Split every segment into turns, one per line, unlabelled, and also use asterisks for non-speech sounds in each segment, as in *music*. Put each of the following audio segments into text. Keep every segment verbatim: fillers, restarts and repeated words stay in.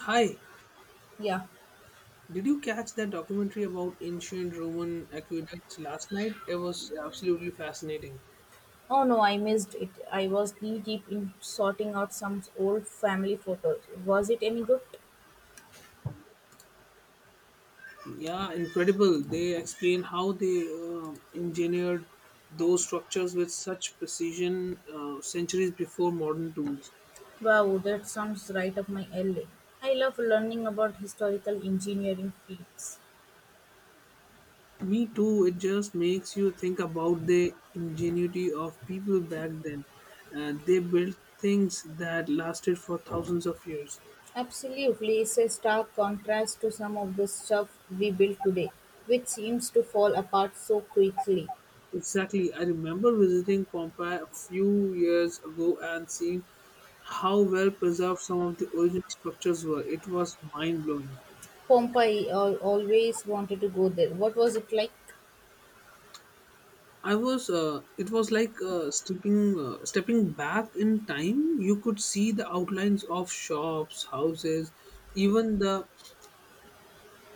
Hi,
Yeah.
did you catch that documentary about ancient Roman aqueducts last night? It was absolutely fascinating.
Oh no, I missed it. I was knee deep in sorting out some old family photos. Was it any good?
Yeah, incredible. They explain how they uh, engineered those structures with such precision uh, centuries before modern tools.
Wow, that sounds right up my alley. I love learning about historical engineering feats.
Me too, it just makes you think about the ingenuity of people back then. Uh, they built things that lasted for thousands of years.
Absolutely, it's a stark contrast to some of the stuff we build today, which seems to fall apart so quickly.
Exactly. I remember visiting Pompeii a few years ago and seeing how well preserved some of the original structures were. It was mind blowing.
Pompeii, I always wanted to go there. What was it like?
I was. Uh, it was like uh, stepping uh, stepping back in time. You could see the outlines of shops, houses, even the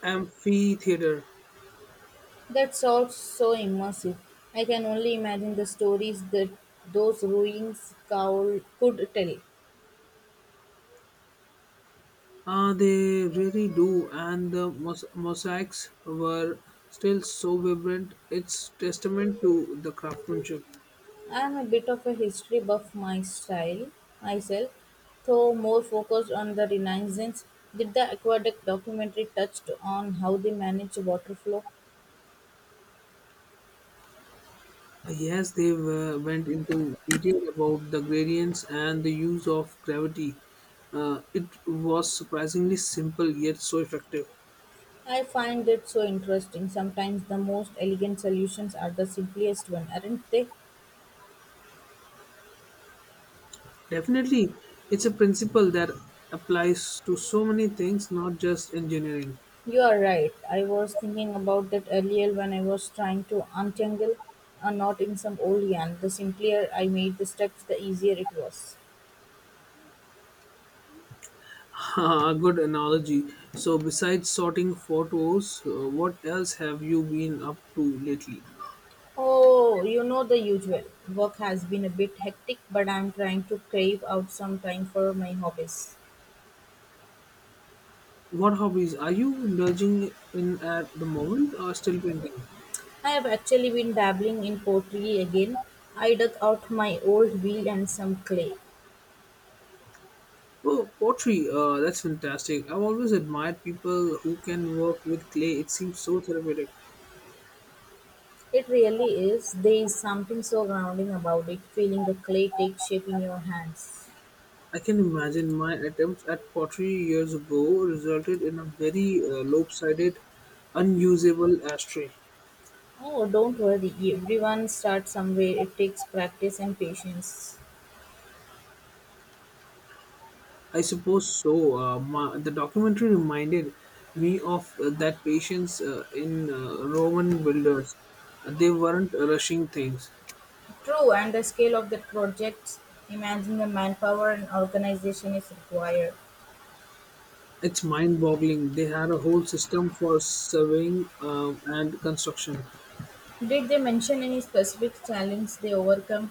amphitheater.
That sounds so immersive. I can only imagine the stories that those ruins cowl- could tell.
Uh, they really do, and the mos- mosaics were still so vibrant. It's testament to the craftsmanship.
I am a bit of a history buff my style myself, though more focused on the Renaissance. Did the aqueduct documentary touched on how they manage water flow?
Yes, they uh, went into detail about the gradients and the use of gravity. Uh, it was surprisingly simple yet so effective.
I find it so interesting. Sometimes the most elegant solutions are the simplest one, aren't they?
Definitely, it's a principle that applies to so many things, not just engineering.
You are right. I was thinking about that earlier when I was trying to untangle a knot in some old yarn. The simpler I made the steps, the easier it was.
*laughs* A good analogy. So, besides sorting photos, uh, what else have you been up to lately?
Oh, you know the usual. Work has been a bit hectic, but I'm trying to crave out some time for my hobbies.
What hobbies are you indulging in at the moment or still painting?
I have actually been dabbling in pottery again. I dug out my old wheel and some clay.
Oh, pottery. Uh, that's fantastic. I've always admired people who can work with clay. It seems so therapeutic.
It really is. There is something so grounding about it, feeling the clay take shape in your hands.
I can imagine my attempts at pottery years ago resulted in a very uh, lopsided, unusable ashtray.
Oh, don't worry. Everyone starts somewhere. It takes practice and patience.
I suppose so. Uh, my, the documentary reminded me of uh, that patience uh, in uh, Roman builders. They weren't rushing things.
True, and the scale of the projects, imagine the manpower and organization is required.
It's mind boggling. They had a whole system for surveying um, and construction.
Did they mention any specific challenge they overcome,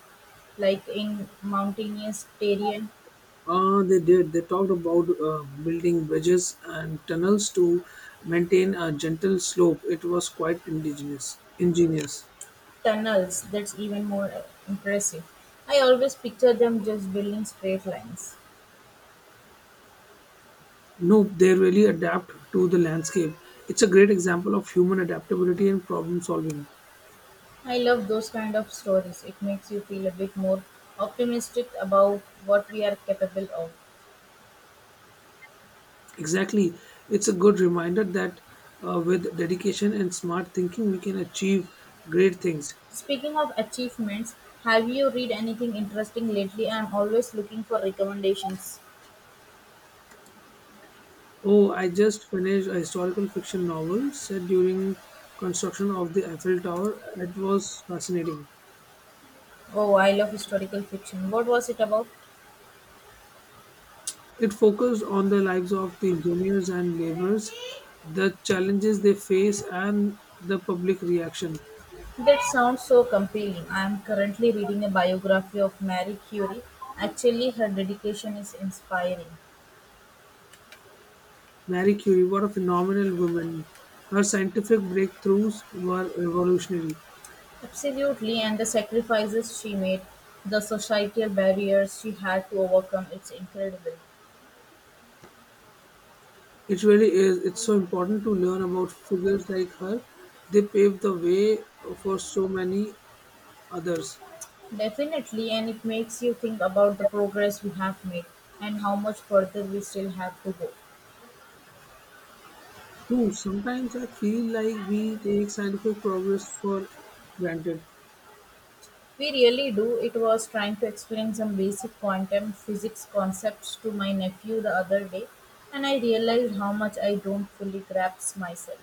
like in mountainous terrain
Uh, they did. They talked about uh, building bridges and tunnels to maintain a gentle slope. It was quite indigenous, ingenious.
tunnels? That's even more uh, impressive. I always picture them just building straight lines.
No, they really adapt to the landscape. It's a great example of human adaptability and problem solving.
I love those kind of stories. It makes you feel a bit more optimistic about what we are capable of.
Exactly. It's a good reminder that uh, with dedication and smart thinking, we can achieve great things.
Speaking of achievements, have you read anything interesting lately? I'm always looking for recommendations.
Oh, I just finished a historical fiction novel set during construction of the Eiffel Tower. It was fascinating.
Oh, I love historical fiction. What was it about?
It focused on the lives of the engineers and laborers, the challenges they face, and the public reaction.
That sounds so compelling. I am currently reading a biography of Marie Curie. Actually, her dedication is inspiring.
Marie Curie, was a phenomenal woman. Her scientific breakthroughs were revolutionary.
Absolutely, and the sacrifices she made, the societal barriers she had to overcome, it's incredible.
It really is. It's so important to learn about figures like her. They paved the way for so many others.
Definitely, and it makes you think about the progress we have made and how much further we still have to go.
True, sometimes I feel like we take scientific progress for granted.
We really do. It was trying to explain some basic quantum physics concepts to my nephew the other day, and I realized how much I don't fully grasp myself.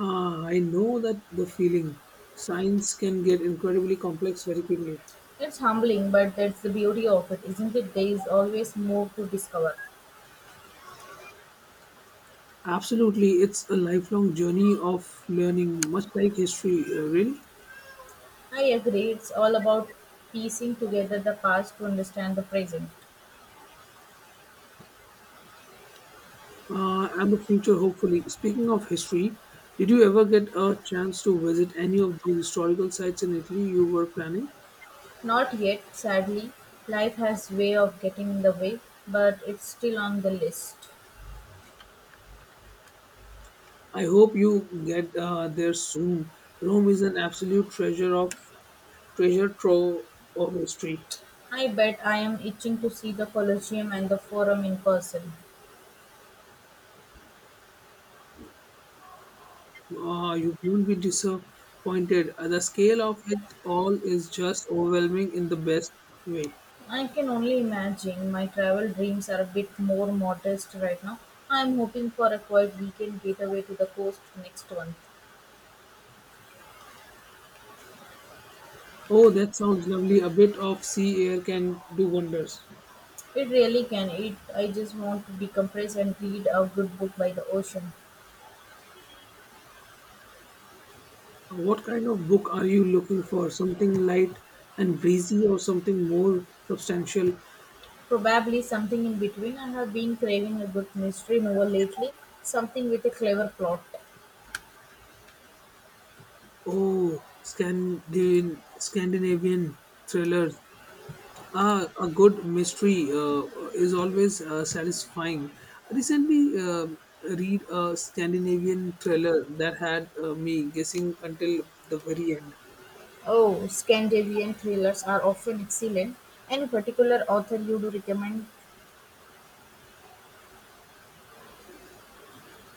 Ah, I know that the feeling. Science can get incredibly complex very quickly.
It's humbling, but that's the beauty of it, isn't it? There is always more to discover.
Absolutely, it's a lifelong journey of learning, much like history, uh, really,
I agree, it's all about piecing together the past to understand the present.
uh, and the future, hopefully. Speaking of history, did you ever get a chance to visit any of the historical sites in Italy you were planning?
Not yet, sadly. Life has way of getting in the way, but it's still on the list.
I hope you get uh, there soon. Rome is an absolute treasure of treasure trove of history.
I bet I am itching to see the Colosseum and the Forum in person.
Ah, you won't be disappointed. Uh, The scale of it all is just overwhelming in the best way.
I can only imagine my travel dreams are a bit more modest right now. I'm hoping for a quiet weekend getaway to the coast next month.
Oh, that sounds lovely. A bit of sea air can do wonders.
It really can. It I just want to decompress and read a good book by the ocean.
Uh, What kind of book are you looking for? Something light and breezy or something more substantial?
Probably something in between. I have been craving a good mystery novel lately, something with a clever plot.
Oh, Scandin- Scandinavian thrillers. Ah, a good mystery uh, is always uh, satisfying. I recently uh, read a Scandinavian thriller that had uh, me guessing until the very end.
Oh, Scandinavian thrillers are often excellent. Any particular author you do recommend?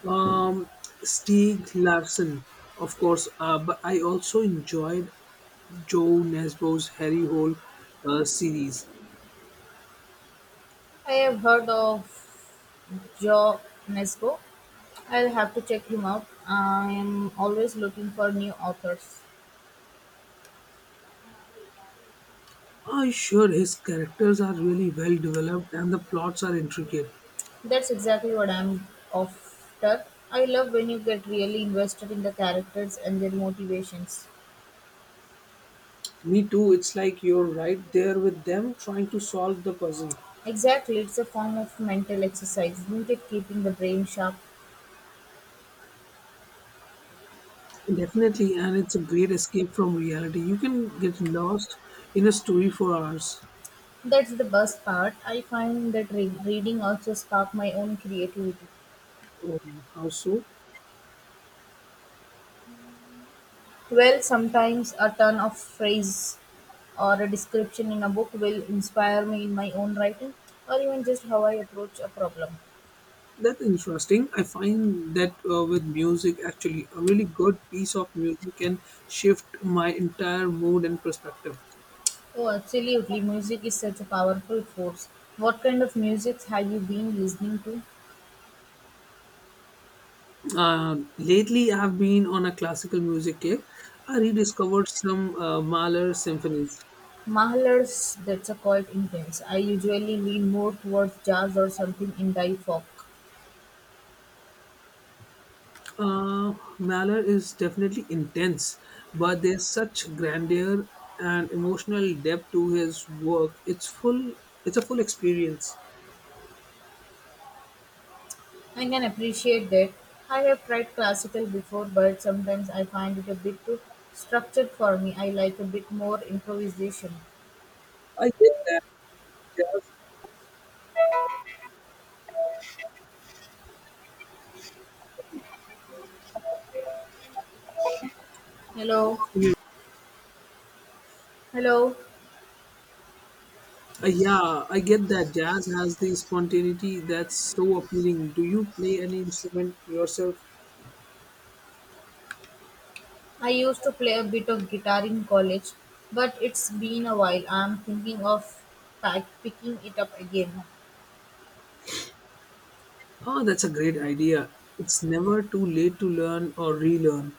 Um, Stieg Larsson, of course, uh, but I also enjoyed Joe Nesbo's Harry Hole uh, series.
I have heard of Joe Nesbo. I'll have to check him out. I am always looking for new authors.
Ah, sure, his characters are really well developed and the plots are intricate.
That's exactly what I'm after. I love when you get really invested in the characters and their motivations.
Me too, it's like you're right there with them trying to solve the puzzle.
Exactly, it's a form of mental exercise, isn't it? Keeping the brain sharp.
Definitely, and it's a great escape from reality. You can get lost in a story for hours.
That's the best part. I find that re- reading also spark my own creativity.
Oh, how so?
Well, sometimes a turn of phrase or a description in a book will inspire me in my own writing or even just how I approach a problem.
That's interesting. I find that uh, with music, actually, a really good piece of music can shift my entire mood and perspective.
Oh, absolutely. Music is such a powerful force. What kind of music have you been listening to?
Uh, lately, I've been on a classical music kick. I rediscovered some uh, Mahler symphonies.
Mahalar's that's a quite intense. I usually lean more towards jazz or something indie folk.
Uh, Malheur is definitely intense, but there's such grandeur and emotional depth to his work. It's full. It's a full experience.
I can appreciate that. I have tried classical before, but sometimes I find it a bit too structured for me. I like a bit more improvisation.
I get that jazz.
Hello. Hello.
Uh, yeah, I get that jazz has the spontaneity that's so appealing. Do you play any instrument yourself?
I used to play a bit of guitar in college, but it's been a while. I'm thinking of pack- picking it up again.
Oh, that's a great idea. It's never too late to learn or relearn.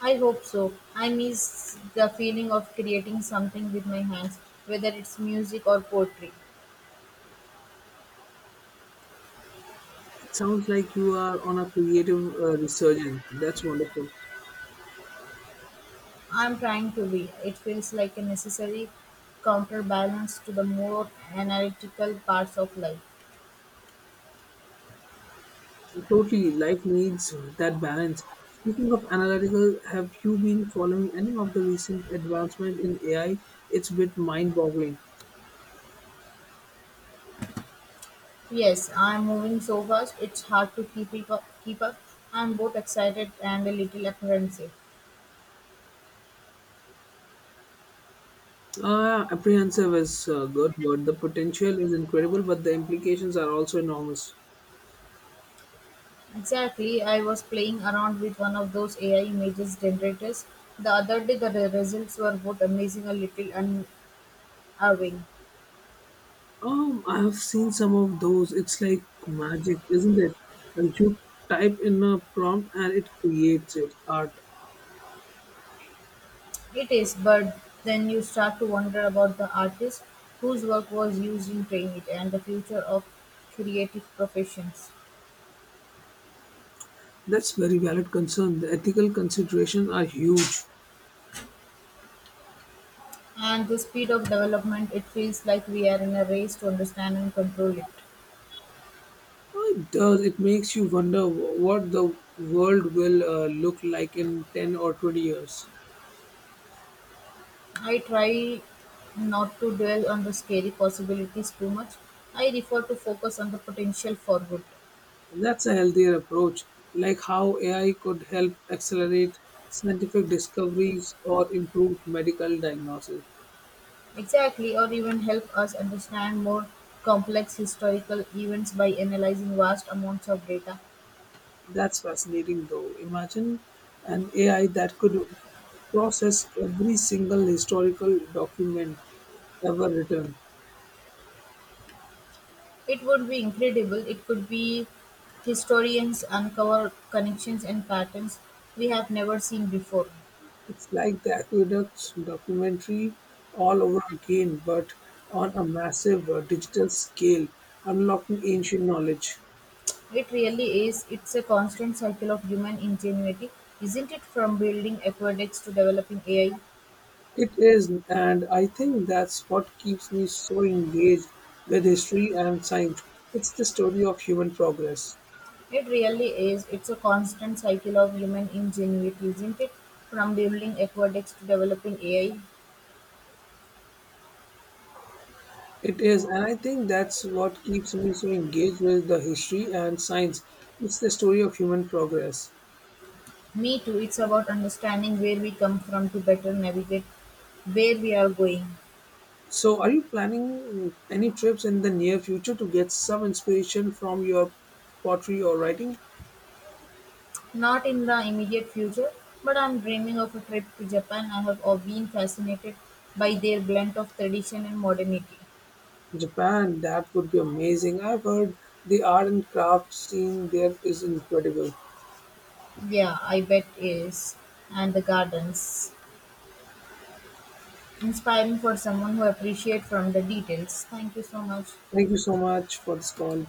I hope so. I miss the feeling of creating something with my hands, whether it's music or poetry.
It sounds like you are on a creative uh, resurgence. That's wonderful.
I'm trying to be. It feels like a necessary counterbalance to the more analytical parts of life.
Totally, life needs that balance. Speaking of analytical, have you been following any of the recent advancement in A I? It's a bit mind-boggling.
Yes, I'm moving so fast, it's hard to keep, it up, keep up. I'm both excited and a little apprehensive.
Uh, apprehensive is a good word. The potential is incredible, but the implications are also enormous.
Exactly, I was playing around with one of those A I images generators the other day. The re- results were both amazing, a little unnerving.
Um, I have seen some of those. It's like magic, isn't it? Uh, You type in a prompt and it creates it art.
It is, but then you start to wonder about the artist whose work was used in training it and the future of creative professions.
That's very valid concern. The ethical considerations are huge.
And the speed of development, it feels like we are in a race to understand and control it.
Oh, it does. It makes you wonder wh- what the world will uh, look like in ten or twenty years.
I try not to dwell on the scary possibilities too much. I refer to focus on the potential for good.
And that's a healthier approach, like how A I could help accelerate scientific discoveries or improve medical diagnosis.
Exactly, or even help us understand more complex historical events by analyzing vast amounts of data.
That's fascinating, though. Imagine an A I that could process every single historical document ever written.
It would be incredible. It could be historians uncover connections and patterns we have never seen before.
It's like the aqueducts documentary all over again, but on a massive uh, digital scale, unlocking ancient knowledge.
It really is. It's a constant cycle of human ingenuity, isn't it? From building aqueducts to developing A I.
It is, and I think that's what keeps me so engaged with history and science. It's the story of human progress.
It really is. It's a constant cycle of human ingenuity, isn't it? From building aqueducts to developing A I.
It is, and I think that's what keeps me so engaged with the history and science. It's the story of human progress.
Me too. It's about understanding where we come from to better navigate where we are going.
So, are you planning any trips in the near future to get some inspiration from your pottery or writing?
Not in the immediate future, but I'm dreaming of a trip to Japan. I have all been fascinated by their blend of tradition and modernity.
Japan, that would be amazing. I've heard the art and craft scene there is incredible.
Yeah, I bet is. And the gardens. Inspiring for someone who appreciates from the details. Thank you so much.
Thank you so much for this call.